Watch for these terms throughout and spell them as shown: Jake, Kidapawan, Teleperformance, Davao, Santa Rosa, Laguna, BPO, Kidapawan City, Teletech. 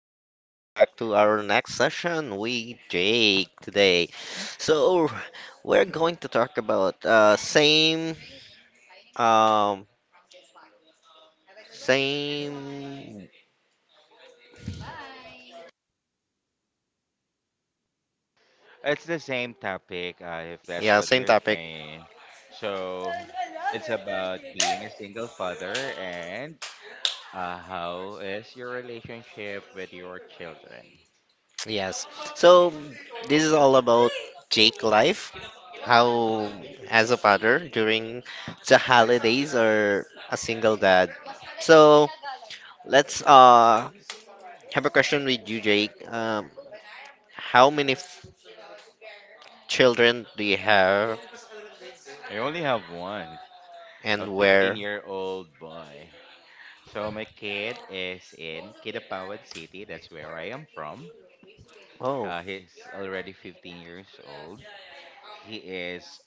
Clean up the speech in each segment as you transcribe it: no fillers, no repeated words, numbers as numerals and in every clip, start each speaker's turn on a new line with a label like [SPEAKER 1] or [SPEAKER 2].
[SPEAKER 1] We're going back to our next session with Jake today. So, we're going to talk about same um same
[SPEAKER 2] It's the same topic, if that's
[SPEAKER 1] yeah,
[SPEAKER 2] what
[SPEAKER 1] same
[SPEAKER 2] you're
[SPEAKER 1] topic.
[SPEAKER 2] saying. So it's about being a single father and how is your relationship with your children?
[SPEAKER 1] Yes. So, this is all about Jake life, how as a father during the holidays or a single dad. So, let's have a question with you, Jake. How many children do you have
[SPEAKER 2] I only have one, a
[SPEAKER 1] and
[SPEAKER 2] 15
[SPEAKER 1] where?
[SPEAKER 2] year old boy. So my kid is in Kidapawan City. That's where I am from.
[SPEAKER 1] Oh,
[SPEAKER 2] He's already 15 years old. He is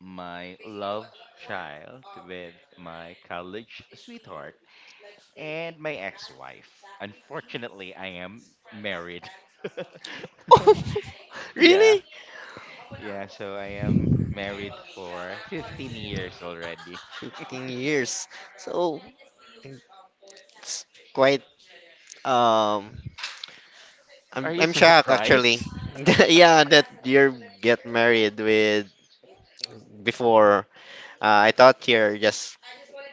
[SPEAKER 2] my love child with my college sweetheart and my ex-wife. Unfortunately, I am married. Yeah,
[SPEAKER 1] really?
[SPEAKER 2] yeah. So I am married for 15 years already.
[SPEAKER 1] 15 years. So it's quite, um
[SPEAKER 2] Are
[SPEAKER 1] I'm
[SPEAKER 2] you
[SPEAKER 1] I'm shocked actually.
[SPEAKER 2] surprised?
[SPEAKER 1] Yeah, that you get married with before. I thought you're just,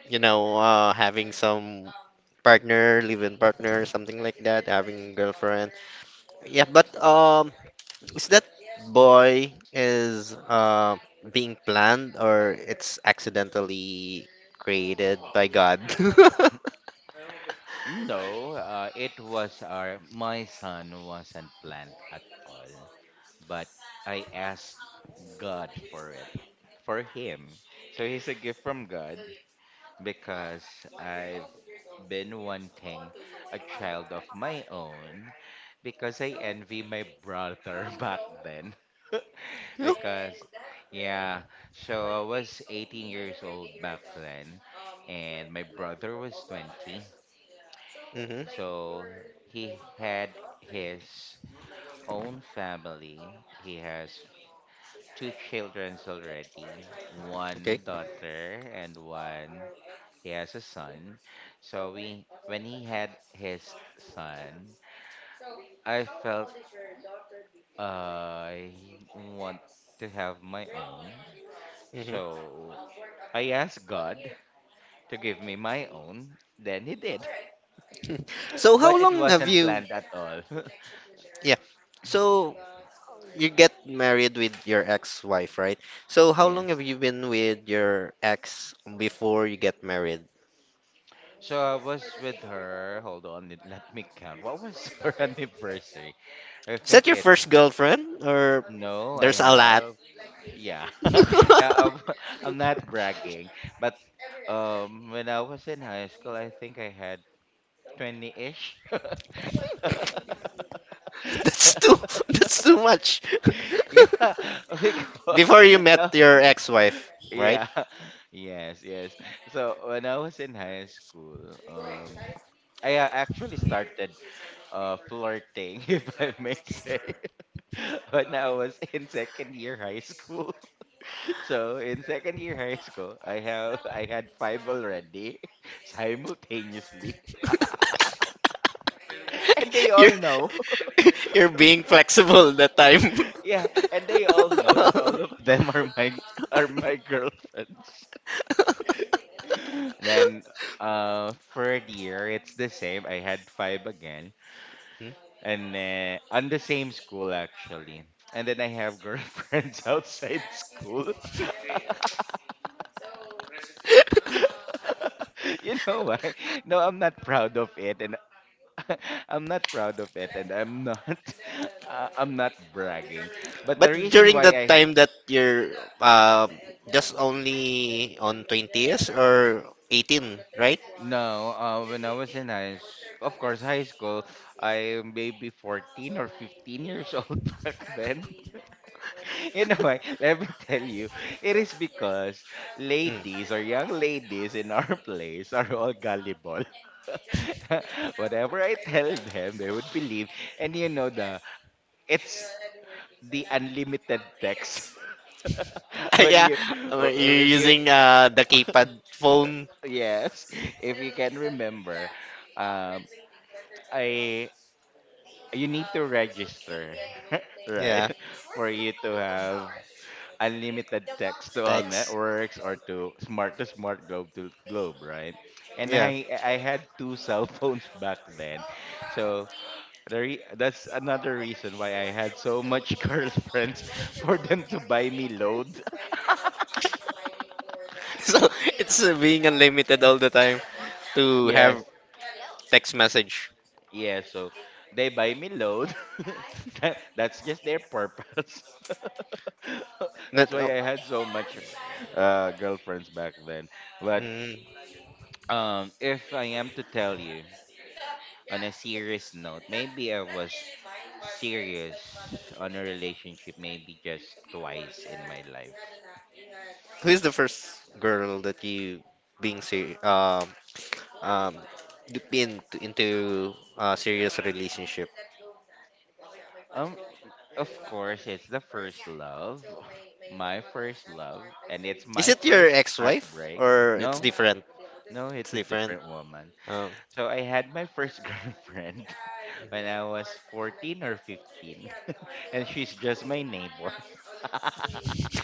[SPEAKER 1] having some partner, live-in partner, something like that, having girlfriend. Yeah, but is that boy is being planned or it's accidentally created by God?
[SPEAKER 2] No, it was our my son wasn't planned at all, but I asked God for it for him. So he's a gift from God, because I've been wanting a child of my own because I envy my brother back then.
[SPEAKER 1] Hmm.
[SPEAKER 2] Because, yeah, so I was 18 years old back then, and my brother was 20. So he had his own family. He has two children already,
[SPEAKER 1] Okay.
[SPEAKER 2] one daughter and one, he has a son. So we when he had his son, I felt I want to have my own.
[SPEAKER 1] Hmm.
[SPEAKER 2] So I asked God to give me my own. Then he did.
[SPEAKER 1] So
[SPEAKER 2] But
[SPEAKER 1] how
[SPEAKER 2] it
[SPEAKER 1] long have
[SPEAKER 2] wasn't
[SPEAKER 1] you?
[SPEAKER 2] planned at all.
[SPEAKER 1] Yeah. So you get married with your ex-wife, right? So how long
[SPEAKER 2] Yes.
[SPEAKER 1] have you been with your ex before you get married?
[SPEAKER 2] So I was with her. Hold on, let me count. What was her anniversary? I
[SPEAKER 1] Is
[SPEAKER 2] think
[SPEAKER 1] that your first
[SPEAKER 2] it's,
[SPEAKER 1] girlfriend or
[SPEAKER 2] no, I
[SPEAKER 1] there's a...
[SPEAKER 2] have, yeah. Yeah, I'm not bragging, but when I was in high school, I think I had 20-ish.
[SPEAKER 1] That's too that's too much.
[SPEAKER 2] Yeah, because
[SPEAKER 1] Before you met
[SPEAKER 2] no,
[SPEAKER 1] your ex-wife, right?
[SPEAKER 2] yeah. Yes, yes. So when I was in high school, I actually started flirting, if I may say, when I was in second year high school. So in second year high school, I have I had five already, simultaneously, and they
[SPEAKER 1] You're
[SPEAKER 2] all know.
[SPEAKER 1] you're being flexible that time.
[SPEAKER 2] Yeah, and they all know that all of them are my are my girlfriends. Then third year it's the same. I had five again,
[SPEAKER 1] Hmm?
[SPEAKER 2] and on the same school actually. And then I have girlfriends outside school. You know why? No, I'm not proud of it, and I'm not proud of it, and I'm not, I'm not bragging. But
[SPEAKER 1] But
[SPEAKER 2] the reason
[SPEAKER 1] during
[SPEAKER 2] why
[SPEAKER 1] that
[SPEAKER 2] I,
[SPEAKER 1] time that you're uh just only on 20s or 18, right?
[SPEAKER 2] no, when I was in high, s- of course, high school, I maybe 14 or 15 years old back then. You know why? Let me tell you, it is because
[SPEAKER 1] Hmm.
[SPEAKER 2] ladies or young ladies in our place are all gullible. Whatever I tell them, they would believe. And you know it's the unlimited text when
[SPEAKER 1] Yeah,
[SPEAKER 2] you
[SPEAKER 1] you're
[SPEAKER 2] if you
[SPEAKER 1] using the keypad phone.
[SPEAKER 2] yes, if you can remember, um I you need to register. Right,
[SPEAKER 1] Yeah,
[SPEAKER 2] for you to have unlimited text to all
[SPEAKER 1] text.
[SPEAKER 2] networks, or to smart to smart, globe to globe, right? And
[SPEAKER 1] Yeah.
[SPEAKER 2] I had two cell phones back then. So that's another reason why I had so much girlfriends, for them to buy me load.
[SPEAKER 1] So it's being unlimited all the time to
[SPEAKER 2] Yes.
[SPEAKER 1] have text message.
[SPEAKER 2] Yeah, so they buy me load. That's just their purpose.
[SPEAKER 1] Not
[SPEAKER 2] That's
[SPEAKER 1] oh,
[SPEAKER 2] why I had so much girlfriends back then. But
[SPEAKER 1] mm,
[SPEAKER 2] if I am to tell you on a serious note, maybe I was serious on a relationship maybe just twice in my life.
[SPEAKER 1] Who is the first girl that you being ser um um been into a serious relationship?
[SPEAKER 2] Um, of course, it's the first love, my first love, and it's
[SPEAKER 1] Is
[SPEAKER 2] my
[SPEAKER 1] it your
[SPEAKER 2] first
[SPEAKER 1] ex-wife
[SPEAKER 2] heartbreak.
[SPEAKER 1] or it's
[SPEAKER 2] No,
[SPEAKER 1] different?
[SPEAKER 2] no,
[SPEAKER 1] It's
[SPEAKER 2] it's a
[SPEAKER 1] different.
[SPEAKER 2] different woman.
[SPEAKER 1] Um,
[SPEAKER 2] So I had my first girlfriend when I was 14 or 15, and she's just my neighbor.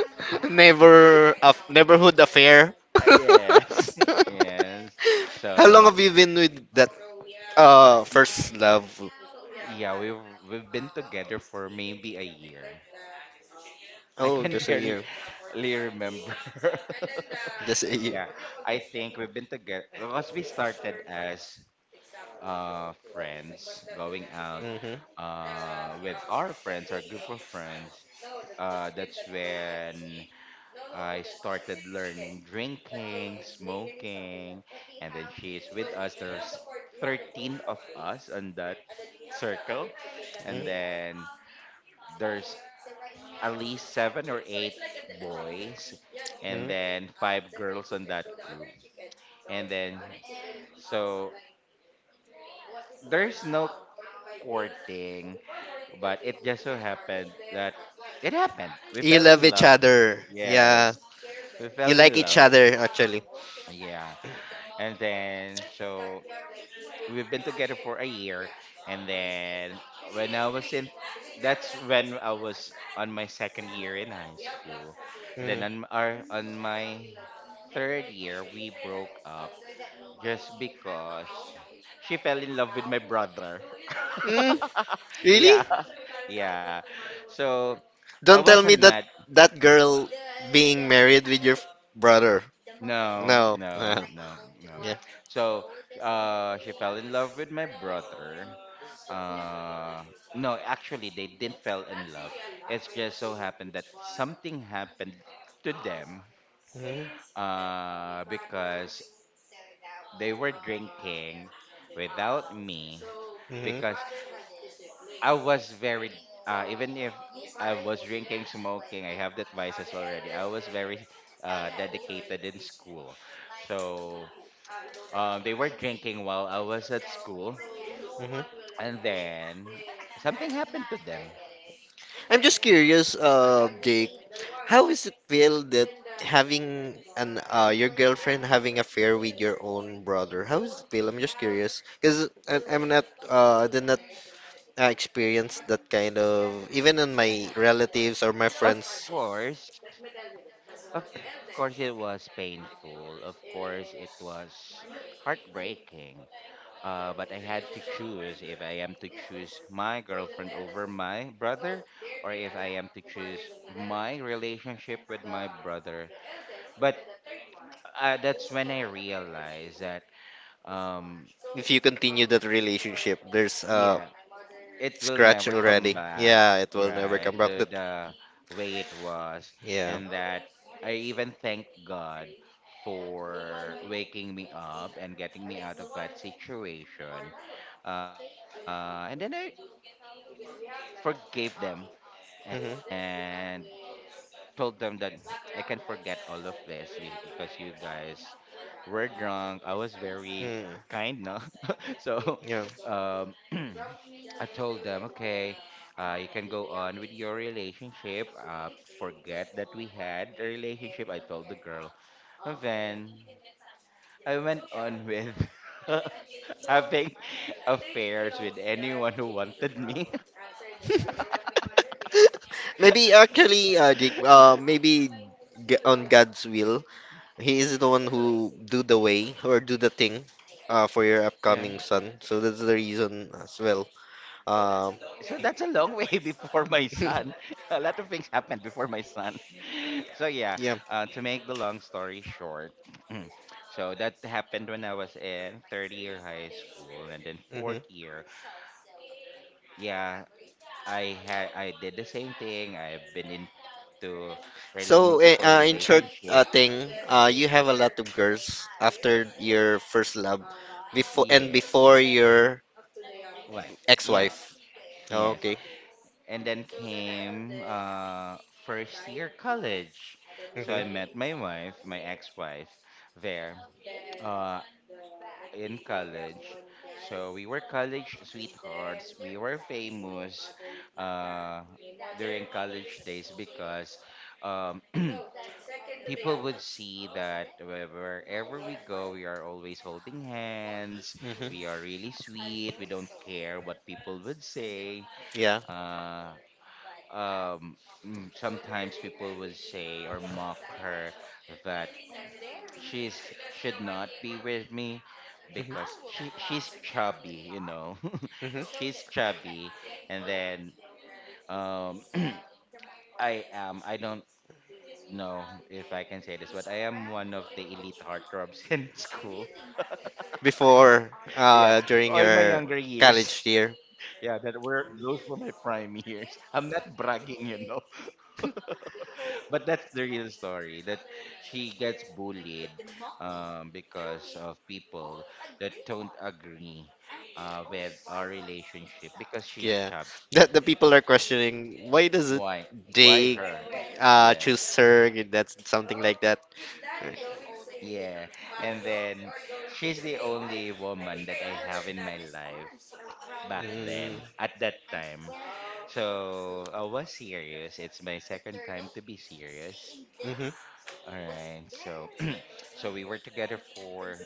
[SPEAKER 1] Neighbor of neighborhood affair.
[SPEAKER 2] Yes, yes.
[SPEAKER 1] How long
[SPEAKER 2] So
[SPEAKER 1] have you been with that first love?
[SPEAKER 2] yeah, we've been together for maybe a year. I
[SPEAKER 1] Oh,
[SPEAKER 2] can
[SPEAKER 1] just a
[SPEAKER 2] barely
[SPEAKER 1] year.
[SPEAKER 2] remember.
[SPEAKER 1] Just a year.
[SPEAKER 2] Yeah, I think we've been together because we started as friends going out
[SPEAKER 1] Mm-hmm.
[SPEAKER 2] with our friends our group of friends. That's when I started learning drinking, smoking, and then she's with us. There's 13 of us on that circle, and then there's at least seven or eight boys,
[SPEAKER 1] Mm-hmm.
[SPEAKER 2] and
[SPEAKER 1] Mm-hmm.
[SPEAKER 2] then five girls on that group. And then, so there's no courting, but it just so happened that it happened. We
[SPEAKER 1] You
[SPEAKER 2] fell in
[SPEAKER 1] love each
[SPEAKER 2] love.
[SPEAKER 1] other. Yeah.
[SPEAKER 2] Yes, we
[SPEAKER 1] You
[SPEAKER 2] fell
[SPEAKER 1] like
[SPEAKER 2] in
[SPEAKER 1] each
[SPEAKER 2] love.
[SPEAKER 1] other actually.
[SPEAKER 2] Yeah. And then so we've been together for a year, and then when I was in that's when I was on my second year in high school, and
[SPEAKER 1] Hmm.
[SPEAKER 2] then on our on my third year we broke up just because she fell in love with my brother.
[SPEAKER 1] Mm,
[SPEAKER 2] Yeah,
[SPEAKER 1] really?
[SPEAKER 2] yeah. So I
[SPEAKER 1] Don't tell
[SPEAKER 2] wasn't
[SPEAKER 1] me that
[SPEAKER 2] mad.
[SPEAKER 1] that girl being married with your brother.
[SPEAKER 2] No,
[SPEAKER 1] No.
[SPEAKER 2] no, no, no.
[SPEAKER 1] Yeah.
[SPEAKER 2] So she fell in love with my brother. uh no actually, they didn't fell in love. It's just so happened that something happened to them,
[SPEAKER 1] Yeah.
[SPEAKER 2] because they were drinking without me.
[SPEAKER 1] Mm-hmm.
[SPEAKER 2] Because I was very, even if I was drinking, smoking, I have that vices already, I was very dedicated in school. So they were drinking while I was at school.
[SPEAKER 1] Hmm.
[SPEAKER 2] And then something happened to them.
[SPEAKER 1] I'm just curious, Jake. How is it feel that having an your girlfriend having affair with your own brother? How is it feel? I'm just curious because I'm not, I did not, I experienced that kind of even in my
[SPEAKER 2] of
[SPEAKER 1] relatives or my friends.
[SPEAKER 2] course Of course, it was painful. Of course, it was heartbreaking. But I had to choose, if I am to choose my girlfriend over my brother, or if I am to choose my relationship with my brother. But that's when I realized that, um,
[SPEAKER 1] If you continue that relationship, there's a
[SPEAKER 2] yeah, it will
[SPEAKER 1] scratch
[SPEAKER 2] never come
[SPEAKER 1] already.
[SPEAKER 2] back,
[SPEAKER 1] Yeah, it will never
[SPEAKER 2] right,
[SPEAKER 1] come back.
[SPEAKER 2] to
[SPEAKER 1] That,
[SPEAKER 2] the way it was.
[SPEAKER 1] yeah.
[SPEAKER 2] And that I even thank God for waking me up and getting me out of that situation. And then I forgave them
[SPEAKER 1] Mm-hmm.
[SPEAKER 2] and told them that I can forget all of this because you guys were drunk. I was very
[SPEAKER 1] Hmm. Mm,
[SPEAKER 2] kind, no? So,
[SPEAKER 1] yeah.
[SPEAKER 2] um, I told them, okay, you can go on with your relationship. Forget that we had a relationship, I told the girl. And then I went on with having affairs with anyone who wanted me.
[SPEAKER 1] Maybe actually, Jake, on God's will, he is the one who do the way or do the thing, for your
[SPEAKER 2] Yeah.
[SPEAKER 1] upcoming son. So that's the reason as well.
[SPEAKER 2] So that's a
[SPEAKER 1] Um,
[SPEAKER 2] long way before my son. A lot of things happened before my son. So yeah,
[SPEAKER 1] yeah.
[SPEAKER 2] to make the long story short, so that happened when I was in third year high school, and then
[SPEAKER 1] Hmm.
[SPEAKER 2] fourth year, yeah, I did the same thing. I've been into rel
[SPEAKER 1] So,
[SPEAKER 2] multiple
[SPEAKER 1] in short,
[SPEAKER 2] relationship.
[SPEAKER 1] you have a lot of girls after your first love, before and
[SPEAKER 2] Yes,
[SPEAKER 1] before your
[SPEAKER 2] wife. Yes,
[SPEAKER 1] ex-wife. Oh,
[SPEAKER 2] yes.
[SPEAKER 1] okay.
[SPEAKER 2] And then came first year college. So
[SPEAKER 1] Hmm.
[SPEAKER 2] I met my wife, my ex-wife, there uh, in college. So we were college sweethearts. We were famous uh, during college days because um, people would see that wherever we go, we are always holding hands.
[SPEAKER 1] Hmm.
[SPEAKER 2] We are really sweet. We don't care what people would say.
[SPEAKER 1] Yeah.
[SPEAKER 2] Uh, um sometimes people would say or mock her that she should not be with me
[SPEAKER 1] Hmm.
[SPEAKER 2] because she's chubby, you know,
[SPEAKER 1] Hmm.
[SPEAKER 2] she's chubby. And then um I am I don't know if I can say this, but I am one of the elite heartthrobs in school.
[SPEAKER 1] Before,
[SPEAKER 2] Yeah,
[SPEAKER 1] during
[SPEAKER 2] all my
[SPEAKER 1] your
[SPEAKER 2] younger years.
[SPEAKER 1] college year.
[SPEAKER 2] Yeah, that were those were my prime years. I'm not bragging, you know, but that's the real story, that she gets bullied because of people that don't agree with our relationship because she's
[SPEAKER 1] Yeah.
[SPEAKER 2] chubby.
[SPEAKER 1] That the people are questioning why does it
[SPEAKER 2] Why? Why
[SPEAKER 1] they
[SPEAKER 2] her? Yeah.
[SPEAKER 1] choose her? That's something like that.
[SPEAKER 2] Yeah. And then she's the only woman that I have in my life back
[SPEAKER 1] Mm.
[SPEAKER 2] then at that time. So I was serious. It's my second time to be serious.
[SPEAKER 1] Mhm,
[SPEAKER 2] All right. So so we were together for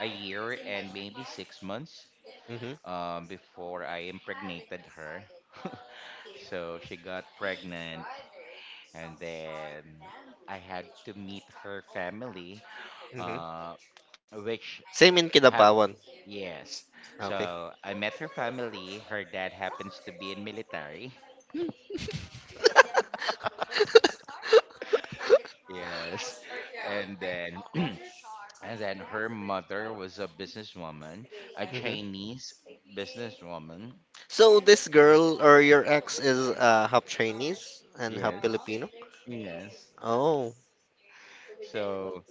[SPEAKER 2] a year and maybe 6 months,
[SPEAKER 1] mhm,
[SPEAKER 2] before I impregnated her. So she got pregnant, and then I had to meet her family,
[SPEAKER 1] mhm.
[SPEAKER 2] uh, which
[SPEAKER 1] Same in
[SPEAKER 2] hap
[SPEAKER 1] Kidapawan.
[SPEAKER 2] yes.
[SPEAKER 1] Ah, okay.
[SPEAKER 2] So I met her family. Her dad happens to be in military. Yes, and then and then her mother was a businesswoman, a
[SPEAKER 1] Mhm.
[SPEAKER 2] Chinese businesswoman.
[SPEAKER 1] So this girl or your ex is half Chinese and half
[SPEAKER 2] Yes,
[SPEAKER 1] Filipino?
[SPEAKER 2] yes.
[SPEAKER 1] Oh.
[SPEAKER 2] So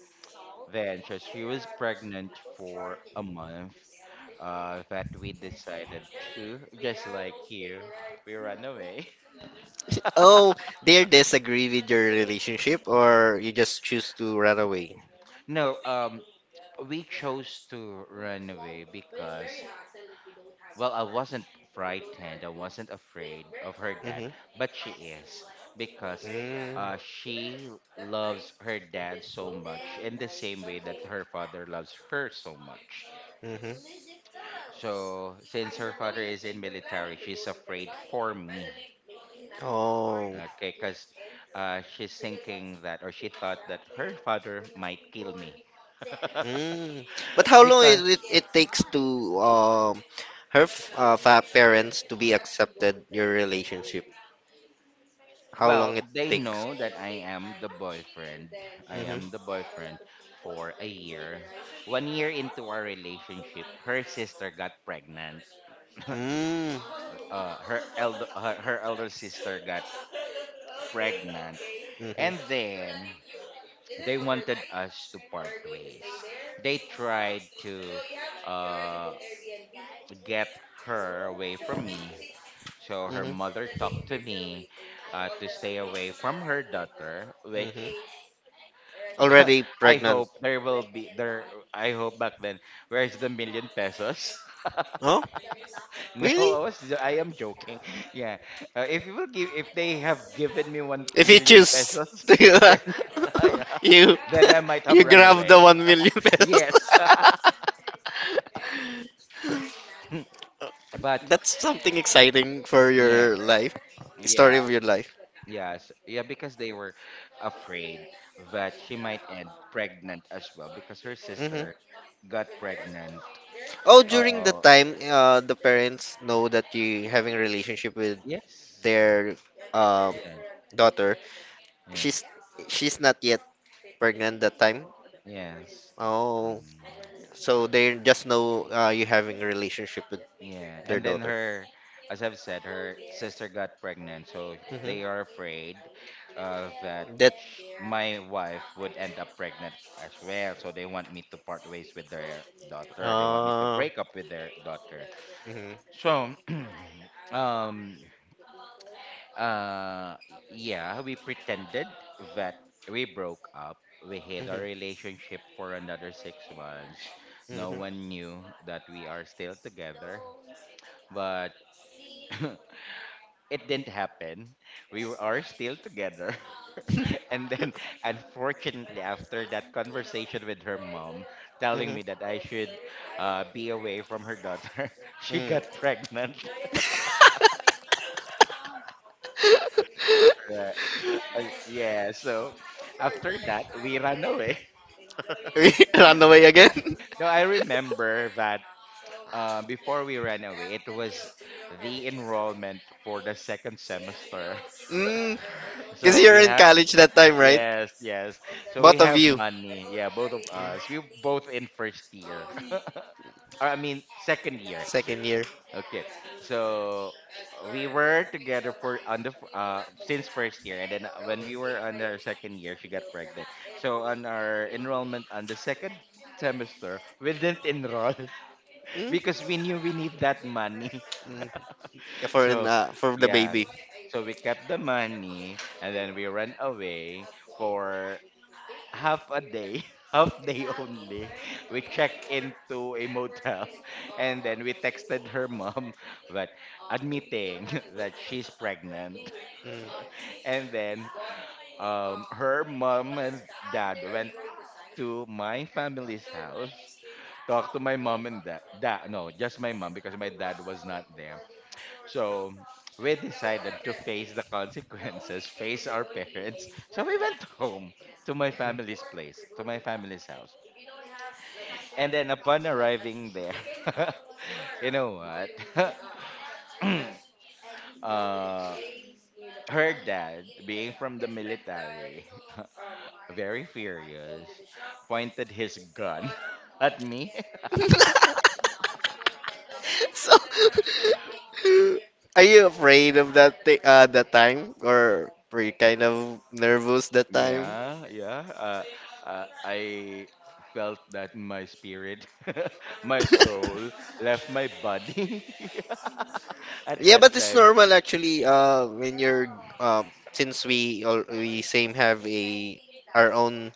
[SPEAKER 2] then, so she was pregnant for a month. That we decided to, just like you, we run away.
[SPEAKER 1] Oh, they disagree with your relationship or you just choose to run away?
[SPEAKER 2] No, we chose to run away because, well, I wasn't frightened. I wasn't afraid of her dad,
[SPEAKER 1] Mm-hmm.
[SPEAKER 2] but she is, because she loves her dad so much in the same way that her father loves her so much.
[SPEAKER 1] Mm-hmm.
[SPEAKER 2] So, since her father is in military, she's afraid for me.
[SPEAKER 1] Oh.
[SPEAKER 2] Okay, because she's thinking that, or she thought that her father might kill me.
[SPEAKER 1] Mm. But how long is
[SPEAKER 2] Because,
[SPEAKER 1] it takes to her f- fa parents to be accepted your relationship? How
[SPEAKER 2] well,
[SPEAKER 1] long it
[SPEAKER 2] they
[SPEAKER 1] takes?
[SPEAKER 2] know that I am the boyfriend. I
[SPEAKER 1] Mm-hmm.
[SPEAKER 2] am the boyfriend for a year. 1 year into our relationship, her sister got pregnant.
[SPEAKER 1] Mm.
[SPEAKER 2] Her elder sister got pregnant.
[SPEAKER 1] Mm-hmm.
[SPEAKER 2] And then they wanted us to part ways. They tried to. Uh, get her away from me. So her mother
[SPEAKER 1] Mm-hmm.
[SPEAKER 2] talked to me to stay away from her daughter,
[SPEAKER 1] Mm-hmm.
[SPEAKER 2] which
[SPEAKER 1] Already
[SPEAKER 2] I
[SPEAKER 1] pregnant.
[SPEAKER 2] hope there will be there. I hope back then, where's the million pesos?
[SPEAKER 1] Oh,
[SPEAKER 2] no, I
[SPEAKER 1] really?
[SPEAKER 2] was jo- I am joking. Yeah, if they have given me one
[SPEAKER 1] If you
[SPEAKER 2] million
[SPEAKER 1] choose
[SPEAKER 2] pesos,
[SPEAKER 1] to,
[SPEAKER 2] then I,
[SPEAKER 1] you
[SPEAKER 2] then I might have
[SPEAKER 1] you
[SPEAKER 2] run
[SPEAKER 1] grab the
[SPEAKER 2] away.
[SPEAKER 1] 1 million pesos.
[SPEAKER 2] Yes, but
[SPEAKER 1] That's something exciting for
[SPEAKER 2] yeah,
[SPEAKER 1] your life,
[SPEAKER 2] yeah.
[SPEAKER 1] story of your life.
[SPEAKER 2] Yes, yeah, because they were afraid that she might end pregnant as well because her
[SPEAKER 1] Hmm.
[SPEAKER 2] sister got pregnant.
[SPEAKER 1] Oh, during the
[SPEAKER 2] Uh,
[SPEAKER 1] time, the parents know that you having a relationship with
[SPEAKER 2] yes,
[SPEAKER 1] their um
[SPEAKER 2] yeah,
[SPEAKER 1] daughter.
[SPEAKER 2] yes,
[SPEAKER 1] She's she's not yet pregnant that time.
[SPEAKER 2] yes,
[SPEAKER 1] Oh,
[SPEAKER 2] mm,
[SPEAKER 1] so they just know, you having a relationship with
[SPEAKER 2] yeah.
[SPEAKER 1] their
[SPEAKER 2] And then
[SPEAKER 1] daughter.
[SPEAKER 2] her, as I've said, her sister got pregnant, so
[SPEAKER 1] Hmm.
[SPEAKER 2] they are afraid that
[SPEAKER 1] That.
[SPEAKER 2] sh my wife would end up pregnant as well. So they want me to part ways with their daughter. They want me to
[SPEAKER 1] Uh,
[SPEAKER 2] break up with their daughter.
[SPEAKER 1] mhm,
[SPEAKER 2] So, um, uh, yeah, we pretended that we broke up. We hid our
[SPEAKER 1] mhm.
[SPEAKER 2] relationship for another 6 months. No
[SPEAKER 1] Hmm.
[SPEAKER 2] one knew that we are still together, but it didn't happen. We were, are still together. And then, unfortunately, after that conversation with her mom telling
[SPEAKER 1] Hmm.
[SPEAKER 2] me that I should be away from her daughter, she
[SPEAKER 1] Mm.
[SPEAKER 2] got pregnant. Right. Yeah, so after that, we ran away.
[SPEAKER 1] We run away
[SPEAKER 2] Yeah.
[SPEAKER 1] again.
[SPEAKER 2] No, I remember that before we ran away, it was the enrollment for the second semester.
[SPEAKER 1] Mm. Cause
[SPEAKER 2] So
[SPEAKER 1] you're
[SPEAKER 2] we
[SPEAKER 1] in
[SPEAKER 2] have,
[SPEAKER 1] college that time, right?
[SPEAKER 2] yes, yes. So we
[SPEAKER 1] Both of
[SPEAKER 2] have
[SPEAKER 1] you,
[SPEAKER 2] money. Yeah, both of us. We both in first year. Or, I mean, second year.
[SPEAKER 1] second year.
[SPEAKER 2] Okay, so we were together for on the f- since first year, and then when we were on our second year, she got pregnant. So on our enrollment on the second semester, we didn't enroll
[SPEAKER 1] Mm.
[SPEAKER 2] because we knew we need that money.
[SPEAKER 1] Mm. For an,
[SPEAKER 2] So,
[SPEAKER 1] uh, for the
[SPEAKER 2] yeah.
[SPEAKER 1] baby.
[SPEAKER 2] So we kept the money and then we ran away for half a day, half day only. We checked into a motel and then we texted her mom that admitting that she's pregnant.
[SPEAKER 1] Mm.
[SPEAKER 2] And then her mom and dad went to my family's house. Talked to my mom and dad. No, just my mom because my dad was not there. So we decided to face the consequences, face our parents. So we went home to my family's place, to my family's house. And then upon arriving there, you know what? uh, her dad, being from the military, very furious, pointed his gun at me.
[SPEAKER 1] So, are you afraid of that thing, that time, or were you kind of nervous that time?
[SPEAKER 2] Yeah, yeah. I felt that my spirit, my soul left my body at
[SPEAKER 1] Yeah, but
[SPEAKER 2] that
[SPEAKER 1] it's
[SPEAKER 2] time.
[SPEAKER 1] normal actually. When you're, since we all we same have a our own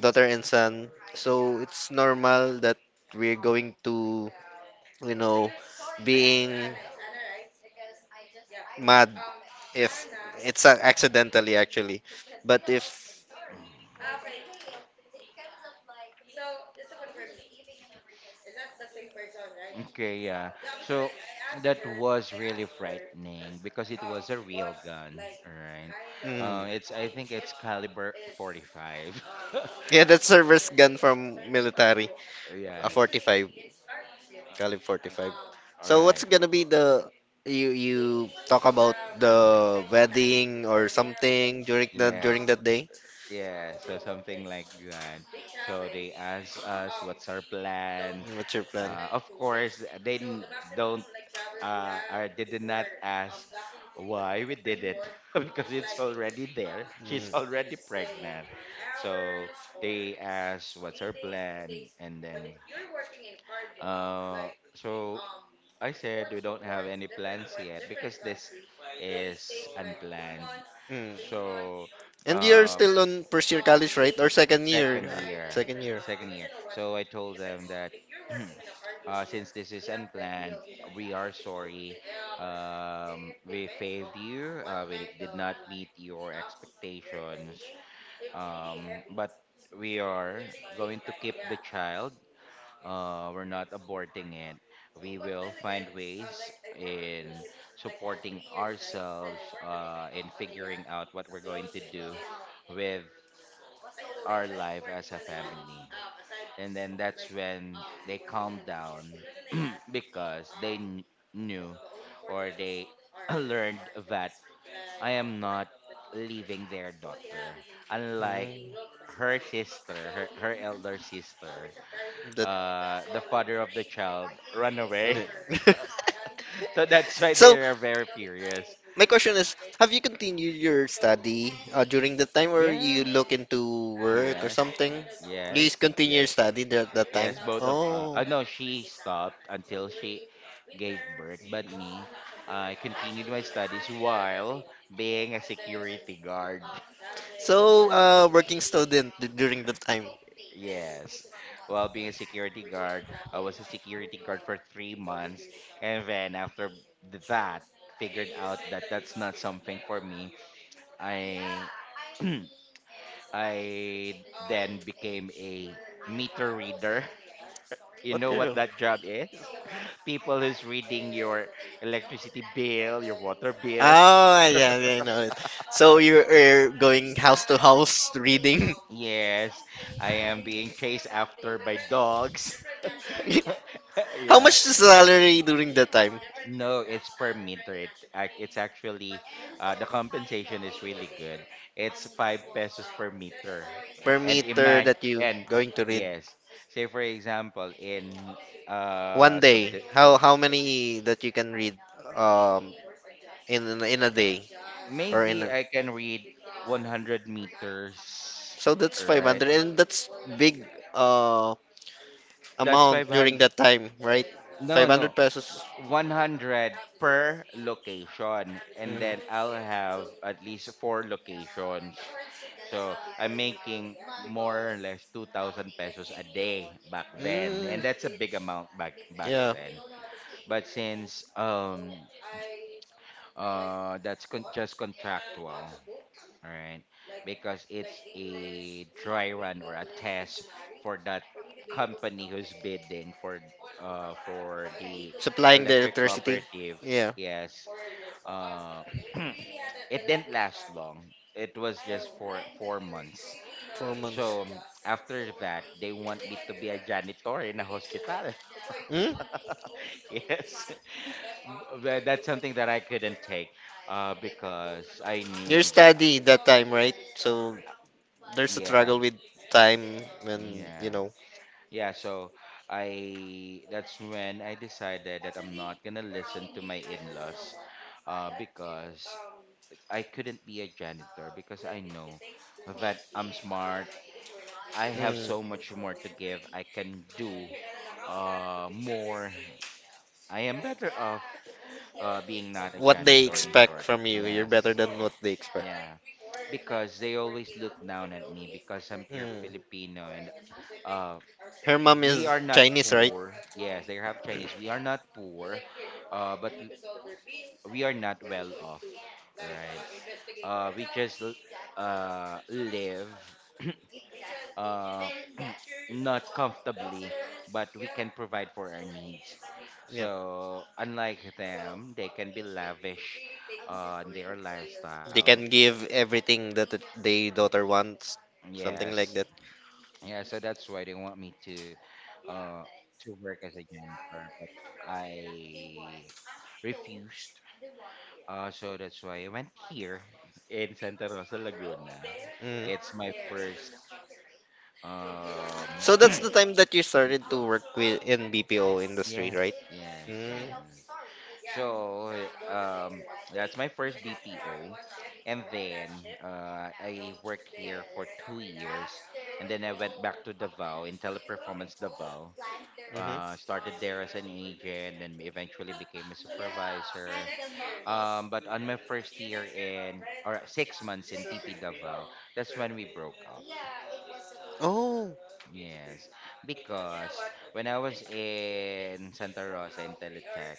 [SPEAKER 1] daughter and son, so it's normal that we're going to, you know being mad if it's accidentally actually, but if
[SPEAKER 2] Okay, yeah. So that was really frightening because it was a real gun, right?
[SPEAKER 1] mm,
[SPEAKER 2] It's I think it's caliber 45.
[SPEAKER 1] yeah, that's service gun from military. A
[SPEAKER 2] Yes.
[SPEAKER 1] 45. Calib 45.
[SPEAKER 2] All
[SPEAKER 1] So what's
[SPEAKER 2] right.
[SPEAKER 1] gonna be the, you talk about the wedding or something during the during
[SPEAKER 2] Yes.
[SPEAKER 1] that day?
[SPEAKER 2] Yes. So something like that. So they asked us what's our plan.
[SPEAKER 1] What's your plan?
[SPEAKER 2] Of course, they don't, or they did not ask why we did it because it's already there. She's
[SPEAKER 1] Mm.
[SPEAKER 2] already pregnant. So they asked what's her plan and then uh so I said we don't have any plans yet because this is unplanned.
[SPEAKER 1] Mm.
[SPEAKER 2] So
[SPEAKER 1] And you're
[SPEAKER 2] um
[SPEAKER 1] still on first year college, right? Or second year?
[SPEAKER 2] second year
[SPEAKER 1] Second year.
[SPEAKER 2] second year so I told them that since this is unplanned, we are sorry, we failed you, we did not meet your expectations, but we are going to keep the child, we're not aborting it. We will find ways in supporting ourselves, in figuring out what we're going to do with our life as a family. And then that's when they calmed down, because they knew, or they learned that I am not leaving their daughter. Unlike
[SPEAKER 1] Mm.
[SPEAKER 2] her sister, her elder sister,
[SPEAKER 1] That.
[SPEAKER 2] the father of the child run away. So that's why they
[SPEAKER 1] So,
[SPEAKER 2] are very furious.
[SPEAKER 1] my question is, have you continued your study, during the time or you
[SPEAKER 2] Yeah.
[SPEAKER 1] look into work or
[SPEAKER 2] Yes.
[SPEAKER 1] something? You just
[SPEAKER 2] Yes.
[SPEAKER 1] continue your
[SPEAKER 2] Yes.
[SPEAKER 1] study at that time?
[SPEAKER 2] Yes, both of
[SPEAKER 1] Oh,
[SPEAKER 2] no, she stopped until she gave birth, but me, I continued my studies while being a security guard.
[SPEAKER 1] so working student during the time.
[SPEAKER 2] Yes, while being a security guard, I was a security guard for 3 months, and then after that, figured out that that's not something for me. I I then became a meter reader. You
[SPEAKER 1] What
[SPEAKER 2] know what
[SPEAKER 1] girl?
[SPEAKER 2] that job is? People who's reading your electricity bill, your water bill.
[SPEAKER 1] Oh, yeah, yeah, I know it. So you're going house to house reading.
[SPEAKER 2] Yes, I am being chased after by dogs.
[SPEAKER 1] How
[SPEAKER 2] Yeah.
[SPEAKER 1] much is the salary during that time
[SPEAKER 2] No, it's per meter. It's actually, the compensation is really good. It's five pesos per meter.
[SPEAKER 1] per
[SPEAKER 2] And
[SPEAKER 1] meter
[SPEAKER 2] imagine,
[SPEAKER 1] that you
[SPEAKER 2] and
[SPEAKER 1] going to read?
[SPEAKER 2] yes, say for example,
[SPEAKER 1] One
[SPEAKER 2] uh,
[SPEAKER 1] day,
[SPEAKER 2] subdi-
[SPEAKER 1] how many that you can read? Um, in a day, or in
[SPEAKER 2] maybe
[SPEAKER 1] a,
[SPEAKER 2] I can read 100 meters,
[SPEAKER 1] so that's
[SPEAKER 2] right?
[SPEAKER 1] 500, and that's big, uh
[SPEAKER 2] That's
[SPEAKER 1] amount during
[SPEAKER 2] 500.
[SPEAKER 1] that time, right?
[SPEAKER 2] No,
[SPEAKER 1] 500
[SPEAKER 2] no.
[SPEAKER 1] pesos.
[SPEAKER 2] 100 per location and then
[SPEAKER 1] Mhm.
[SPEAKER 2] I'll have at least four locations. So I'm making more or less 2,000 pesos a day back then
[SPEAKER 1] mm,
[SPEAKER 2] and that's a big amount back
[SPEAKER 1] yeah,
[SPEAKER 2] then. But since just contractual, right? Because it's a dry run or a test for that company who's bidding for the
[SPEAKER 1] supplying the
[SPEAKER 2] electric
[SPEAKER 1] electricity.
[SPEAKER 2] cooperative.
[SPEAKER 1] Yeah,
[SPEAKER 2] Yes. Uh, it didn't last long. It was just for 4 months.
[SPEAKER 1] 4 months.
[SPEAKER 2] So after that, they want me to be a janitor in a hospital.
[SPEAKER 1] Mm?
[SPEAKER 2] Yes, but that's something that I couldn't take, because I
[SPEAKER 1] You're
[SPEAKER 2] knew that.
[SPEAKER 1] steady that time, right? So there's a
[SPEAKER 2] Yeah,
[SPEAKER 1] struggle with time, and
[SPEAKER 2] yeah, yeah. So I that's when I decided that I'm not gonna listen to my in-laws, because I couldn't be a janitor because I know that I'm smart. I have so
[SPEAKER 1] mm,
[SPEAKER 2] much more to give. I can do more. I am better off, being not a
[SPEAKER 1] what they
[SPEAKER 2] janitor, in
[SPEAKER 1] expect
[SPEAKER 2] short.
[SPEAKER 1] from you, you're better
[SPEAKER 2] Yes.
[SPEAKER 1] than what they expect.
[SPEAKER 2] Yeah. Because they always look down at me because I'm pure
[SPEAKER 1] Mm.
[SPEAKER 2] Filipino and, uh,
[SPEAKER 1] Her mom
[SPEAKER 2] we
[SPEAKER 1] is
[SPEAKER 2] are not
[SPEAKER 1] Chinese, right?
[SPEAKER 2] poor. Yes, they have Chinese. We are not poor, but we are not well off. Right. We just live. uh, not comfortably, but we can provide for our needs.
[SPEAKER 1] Yeah.
[SPEAKER 2] So, unlike them, they can be lavish, in their
[SPEAKER 1] They
[SPEAKER 2] lifestyle.
[SPEAKER 1] can give everything that they daughter wants, something like
[SPEAKER 2] Yes.
[SPEAKER 1] that.
[SPEAKER 2] Yeah, so that's why they want me uh, to work as a janitor, but I refused. So that's why I went here in Santa Rosa, Laguna.
[SPEAKER 1] Mm.
[SPEAKER 2] It's my first um,
[SPEAKER 1] So that's the time that you started to work with in BPO industry,
[SPEAKER 2] Yes,
[SPEAKER 1] right?
[SPEAKER 2] yes,
[SPEAKER 1] Mm.
[SPEAKER 2] yes. So that's my first BPO, and then I worked here for 2 years, and then I went back to Davao in Teleperformance Davao.
[SPEAKER 1] Mhm.
[SPEAKER 2] Started there as an agent, and eventually became a supervisor. But on my first year in or 6 months in TP Davao, that's when we broke up.
[SPEAKER 1] Oh.
[SPEAKER 2] Yes, because when I was in Santa Rosa in Teletech,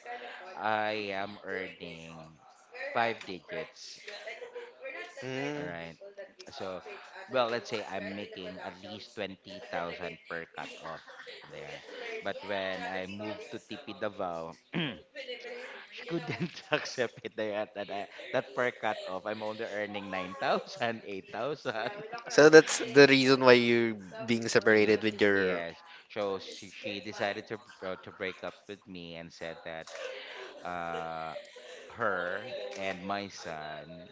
[SPEAKER 2] I am earning five digits,
[SPEAKER 1] Mm.
[SPEAKER 2] right? So, well, let's say I'm making at least 20,000 per cut off there. But when I moved to TP Davao, she couldn't accept it there at that per cut off. I'm only earning 9,000, 8,000.
[SPEAKER 1] So that's the reason why you're being
[SPEAKER 2] Yeah,
[SPEAKER 1] separated with your.
[SPEAKER 2] yes. So she decided to break up with me and said that, uh, her and my son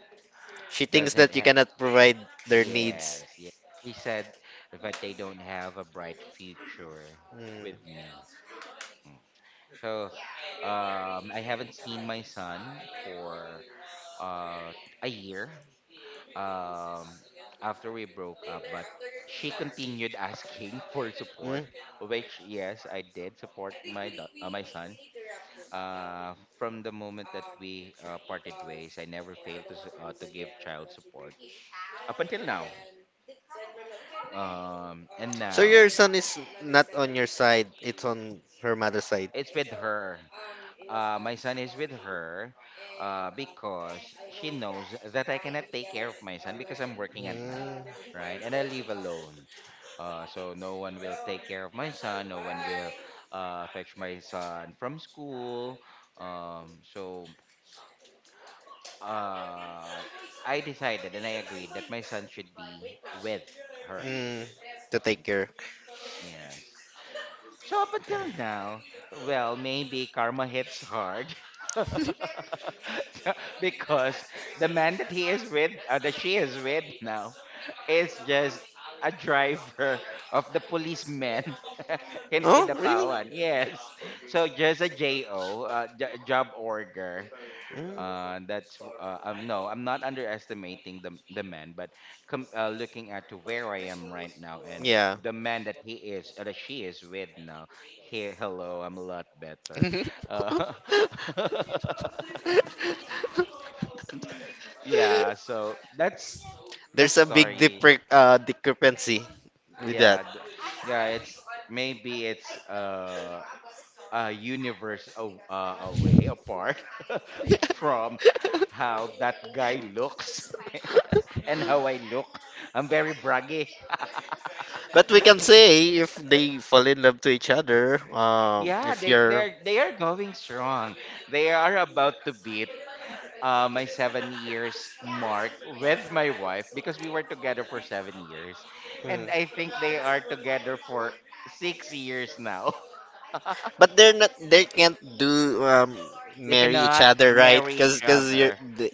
[SPEAKER 1] She thinks
[SPEAKER 2] doesn't
[SPEAKER 1] that you
[SPEAKER 2] ha-
[SPEAKER 1] cannot provide their needs.
[SPEAKER 2] Yes, yeah. He said that they don't have a bright future
[SPEAKER 1] Mm.
[SPEAKER 2] with me. Mm. So, I haven't seen my son for, uh, a year, um, after we broke up, but she continued asking for support,
[SPEAKER 1] Mm.
[SPEAKER 2] which, yes, I did support my son. From the moment that we, parted ways, I never failed to give child support up until now. And
[SPEAKER 1] So your
[SPEAKER 2] now
[SPEAKER 1] son is not on your side, it's on her mother's side.
[SPEAKER 2] it's with her. My son is with her, because she knows that I cannot take care of my son because I'm working at night,
[SPEAKER 1] Mm,
[SPEAKER 2] right? And I live alone. So no one will take care of my son. No one will, fetch my son from school. So, uh, I decided and I agreed that my son should be with her.
[SPEAKER 1] mm, to take care.
[SPEAKER 2] Yes. So up until now, well, maybe karma hits hard. Because the man that he is with, that she is with now, is just a driver of the policemen in
[SPEAKER 1] Oh, really?
[SPEAKER 2] Kidapawan. Yes. So just a JO, job order.
[SPEAKER 1] Mm,
[SPEAKER 2] That's no, I'm not underestimating the man, but com looking at to where I am right now and
[SPEAKER 1] yeah.
[SPEAKER 2] the man that he is, that she is with now, he hello, I'm a lot better. Uh, yeah, so that's the
[SPEAKER 1] There's a big,
[SPEAKER 2] story.
[SPEAKER 1] discrepancy with that.
[SPEAKER 2] Yeah, yeah, it's maybe it's a- universe away apart from how that guy looks and how I look. I'm very braggy.
[SPEAKER 1] But we can say if they fall in love to each other,
[SPEAKER 2] Yeah,
[SPEAKER 1] if
[SPEAKER 2] they
[SPEAKER 1] you're.
[SPEAKER 2] they're they are going strong. They are about to beat, my 7 years mark with my wife because we were together for 7 years,
[SPEAKER 1] Hmm.
[SPEAKER 2] and I think they are together for 6 years now.
[SPEAKER 1] But they're not. They can't do
[SPEAKER 2] They
[SPEAKER 1] marry each
[SPEAKER 2] cannot
[SPEAKER 1] other, right?
[SPEAKER 2] marry
[SPEAKER 1] Cause
[SPEAKER 2] each
[SPEAKER 1] cause
[SPEAKER 2] other.
[SPEAKER 1] th-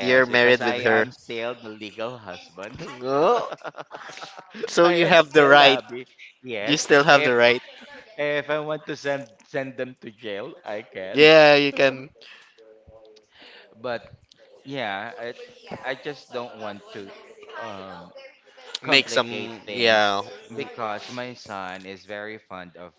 [SPEAKER 1] you're
[SPEAKER 2] because
[SPEAKER 1] married with
[SPEAKER 2] I
[SPEAKER 1] her.
[SPEAKER 2] am still the legal husband.
[SPEAKER 1] No. So
[SPEAKER 2] I
[SPEAKER 1] you
[SPEAKER 2] am
[SPEAKER 1] have the
[SPEAKER 2] still the
[SPEAKER 1] right.
[SPEAKER 2] hubby.
[SPEAKER 1] You
[SPEAKER 2] Yes,
[SPEAKER 1] still have the
[SPEAKER 2] if
[SPEAKER 1] right.
[SPEAKER 2] if I want to send them to jail, I can.
[SPEAKER 1] Yeah, you can
[SPEAKER 2] But yeah, I just don't want to um
[SPEAKER 1] make
[SPEAKER 2] complicate
[SPEAKER 1] some.
[SPEAKER 2] things
[SPEAKER 1] Yeah.
[SPEAKER 2] because my son is very fond of.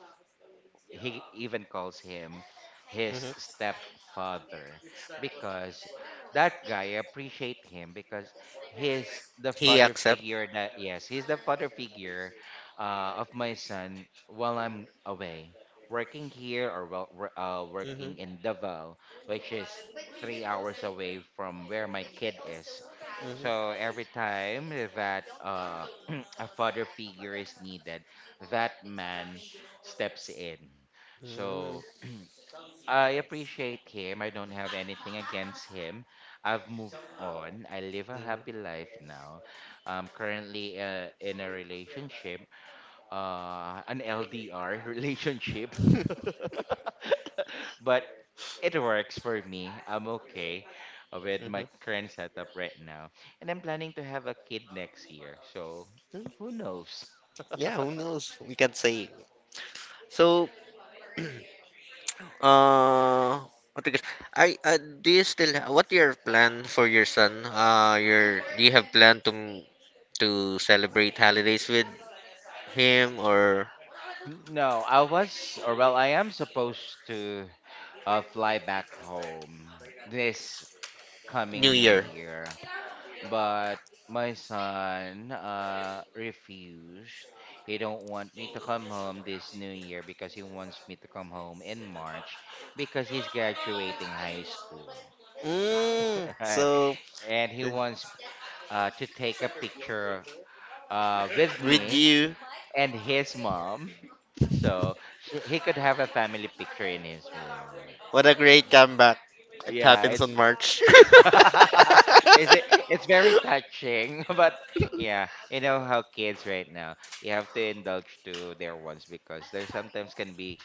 [SPEAKER 2] He even calls him his
[SPEAKER 1] Mm-hmm.
[SPEAKER 2] stepfather because that guy appreciate him because he's the
[SPEAKER 1] He
[SPEAKER 2] father
[SPEAKER 1] accept.
[SPEAKER 2] figure, that, yes, he's the father figure, of my son while I'm away working here or
[SPEAKER 1] Mm-hmm.
[SPEAKER 2] working in Davao, which is 3 hours away from where my kid is. So every time that, a father figure is needed, that man steps in.
[SPEAKER 1] Mm-hmm.
[SPEAKER 2] So I appreciate him. I don't have anything against him. I've moved on. I live a
[SPEAKER 1] Mm-hmm.
[SPEAKER 2] happy life now. I'm currently, in a relationship, an LDR relationship, but it works for me. I'm okay, with my current setup right now, and I'm planning to have a kid next year. So who knows?
[SPEAKER 1] Yeah. Who knows? We can say. So, Uh, what do you guess? I do you still what your plan for your son? Your Do you have plan to celebrate holidays with him or
[SPEAKER 2] No, I was, or well, I am supposed to, fly back home this
[SPEAKER 1] New
[SPEAKER 2] coming New
[SPEAKER 1] Year?
[SPEAKER 2] Year, but my son, refused. He don't want me to come home this New Year because he wants me to come home in March because he's graduating high school.
[SPEAKER 1] Mm,
[SPEAKER 2] Right.
[SPEAKER 1] so,
[SPEAKER 2] And he wants, to take a picture, with
[SPEAKER 1] with
[SPEAKER 2] me
[SPEAKER 1] you,
[SPEAKER 2] and his mom. So he could have a family picture in his room.
[SPEAKER 1] what a great comeback. It
[SPEAKER 2] Yeah,
[SPEAKER 1] happens
[SPEAKER 2] it's
[SPEAKER 1] on March.
[SPEAKER 2] is it it's very touching, but yeah, you know how kids right now, you have to indulge to their wants because they sometimes can be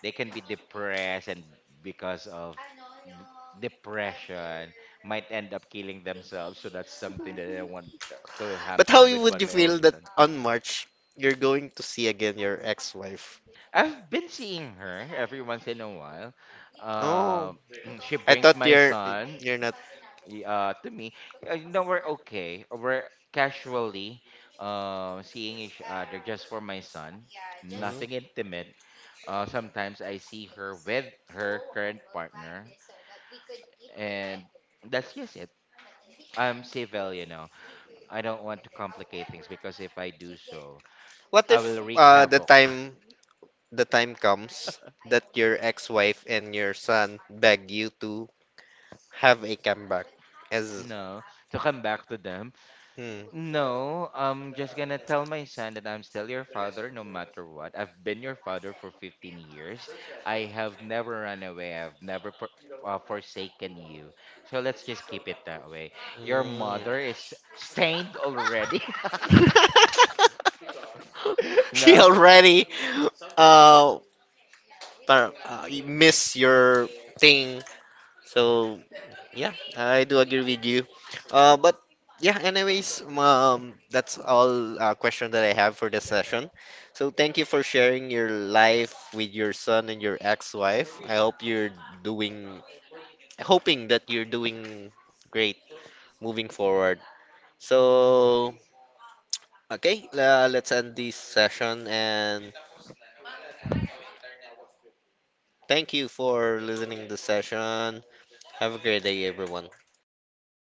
[SPEAKER 2] they can be depressed, and because of b- depression might end up killing themselves. So that's something that I want to
[SPEAKER 1] But how
[SPEAKER 2] happen with
[SPEAKER 1] would
[SPEAKER 2] one
[SPEAKER 1] you
[SPEAKER 2] my
[SPEAKER 1] feel
[SPEAKER 2] only
[SPEAKER 1] that
[SPEAKER 2] son.
[SPEAKER 1] on March you're going to see again your ex-wife?
[SPEAKER 2] I've been seeing her every once in a while.
[SPEAKER 1] Oh,
[SPEAKER 2] Um, she
[SPEAKER 1] I
[SPEAKER 2] brings
[SPEAKER 1] thought
[SPEAKER 2] my
[SPEAKER 1] you're
[SPEAKER 2] son
[SPEAKER 1] you're not.
[SPEAKER 2] to me. You know, we're okay. We're casually, seeing each other just for my son. Nothing intimate. Sometimes I see her with her current partner, and that's just it. I'm civil, you know. I don't want to complicate things because if I do so,
[SPEAKER 1] What
[SPEAKER 2] I
[SPEAKER 1] if
[SPEAKER 2] will wreak
[SPEAKER 1] the
[SPEAKER 2] havoc.
[SPEAKER 1] time comes that your ex-wife and your son beg you to have a comeback? As
[SPEAKER 2] No, to come back to them.
[SPEAKER 1] Hmm.
[SPEAKER 2] No, I'm just gonna tell my son that I'm still your father no matter what. I've been your father for
[SPEAKER 1] Hmm. She already, uh, miss your thing, so. Yeah, I do agree with you. But yeah, anyways, that's all, question that I have for this session. So thank you for sharing your life with your son and your ex-wife. I hope you're doing, hoping that you're doing great moving forward. So okay, let's end this session and thank you for listening to the session. Have a great day, everyone.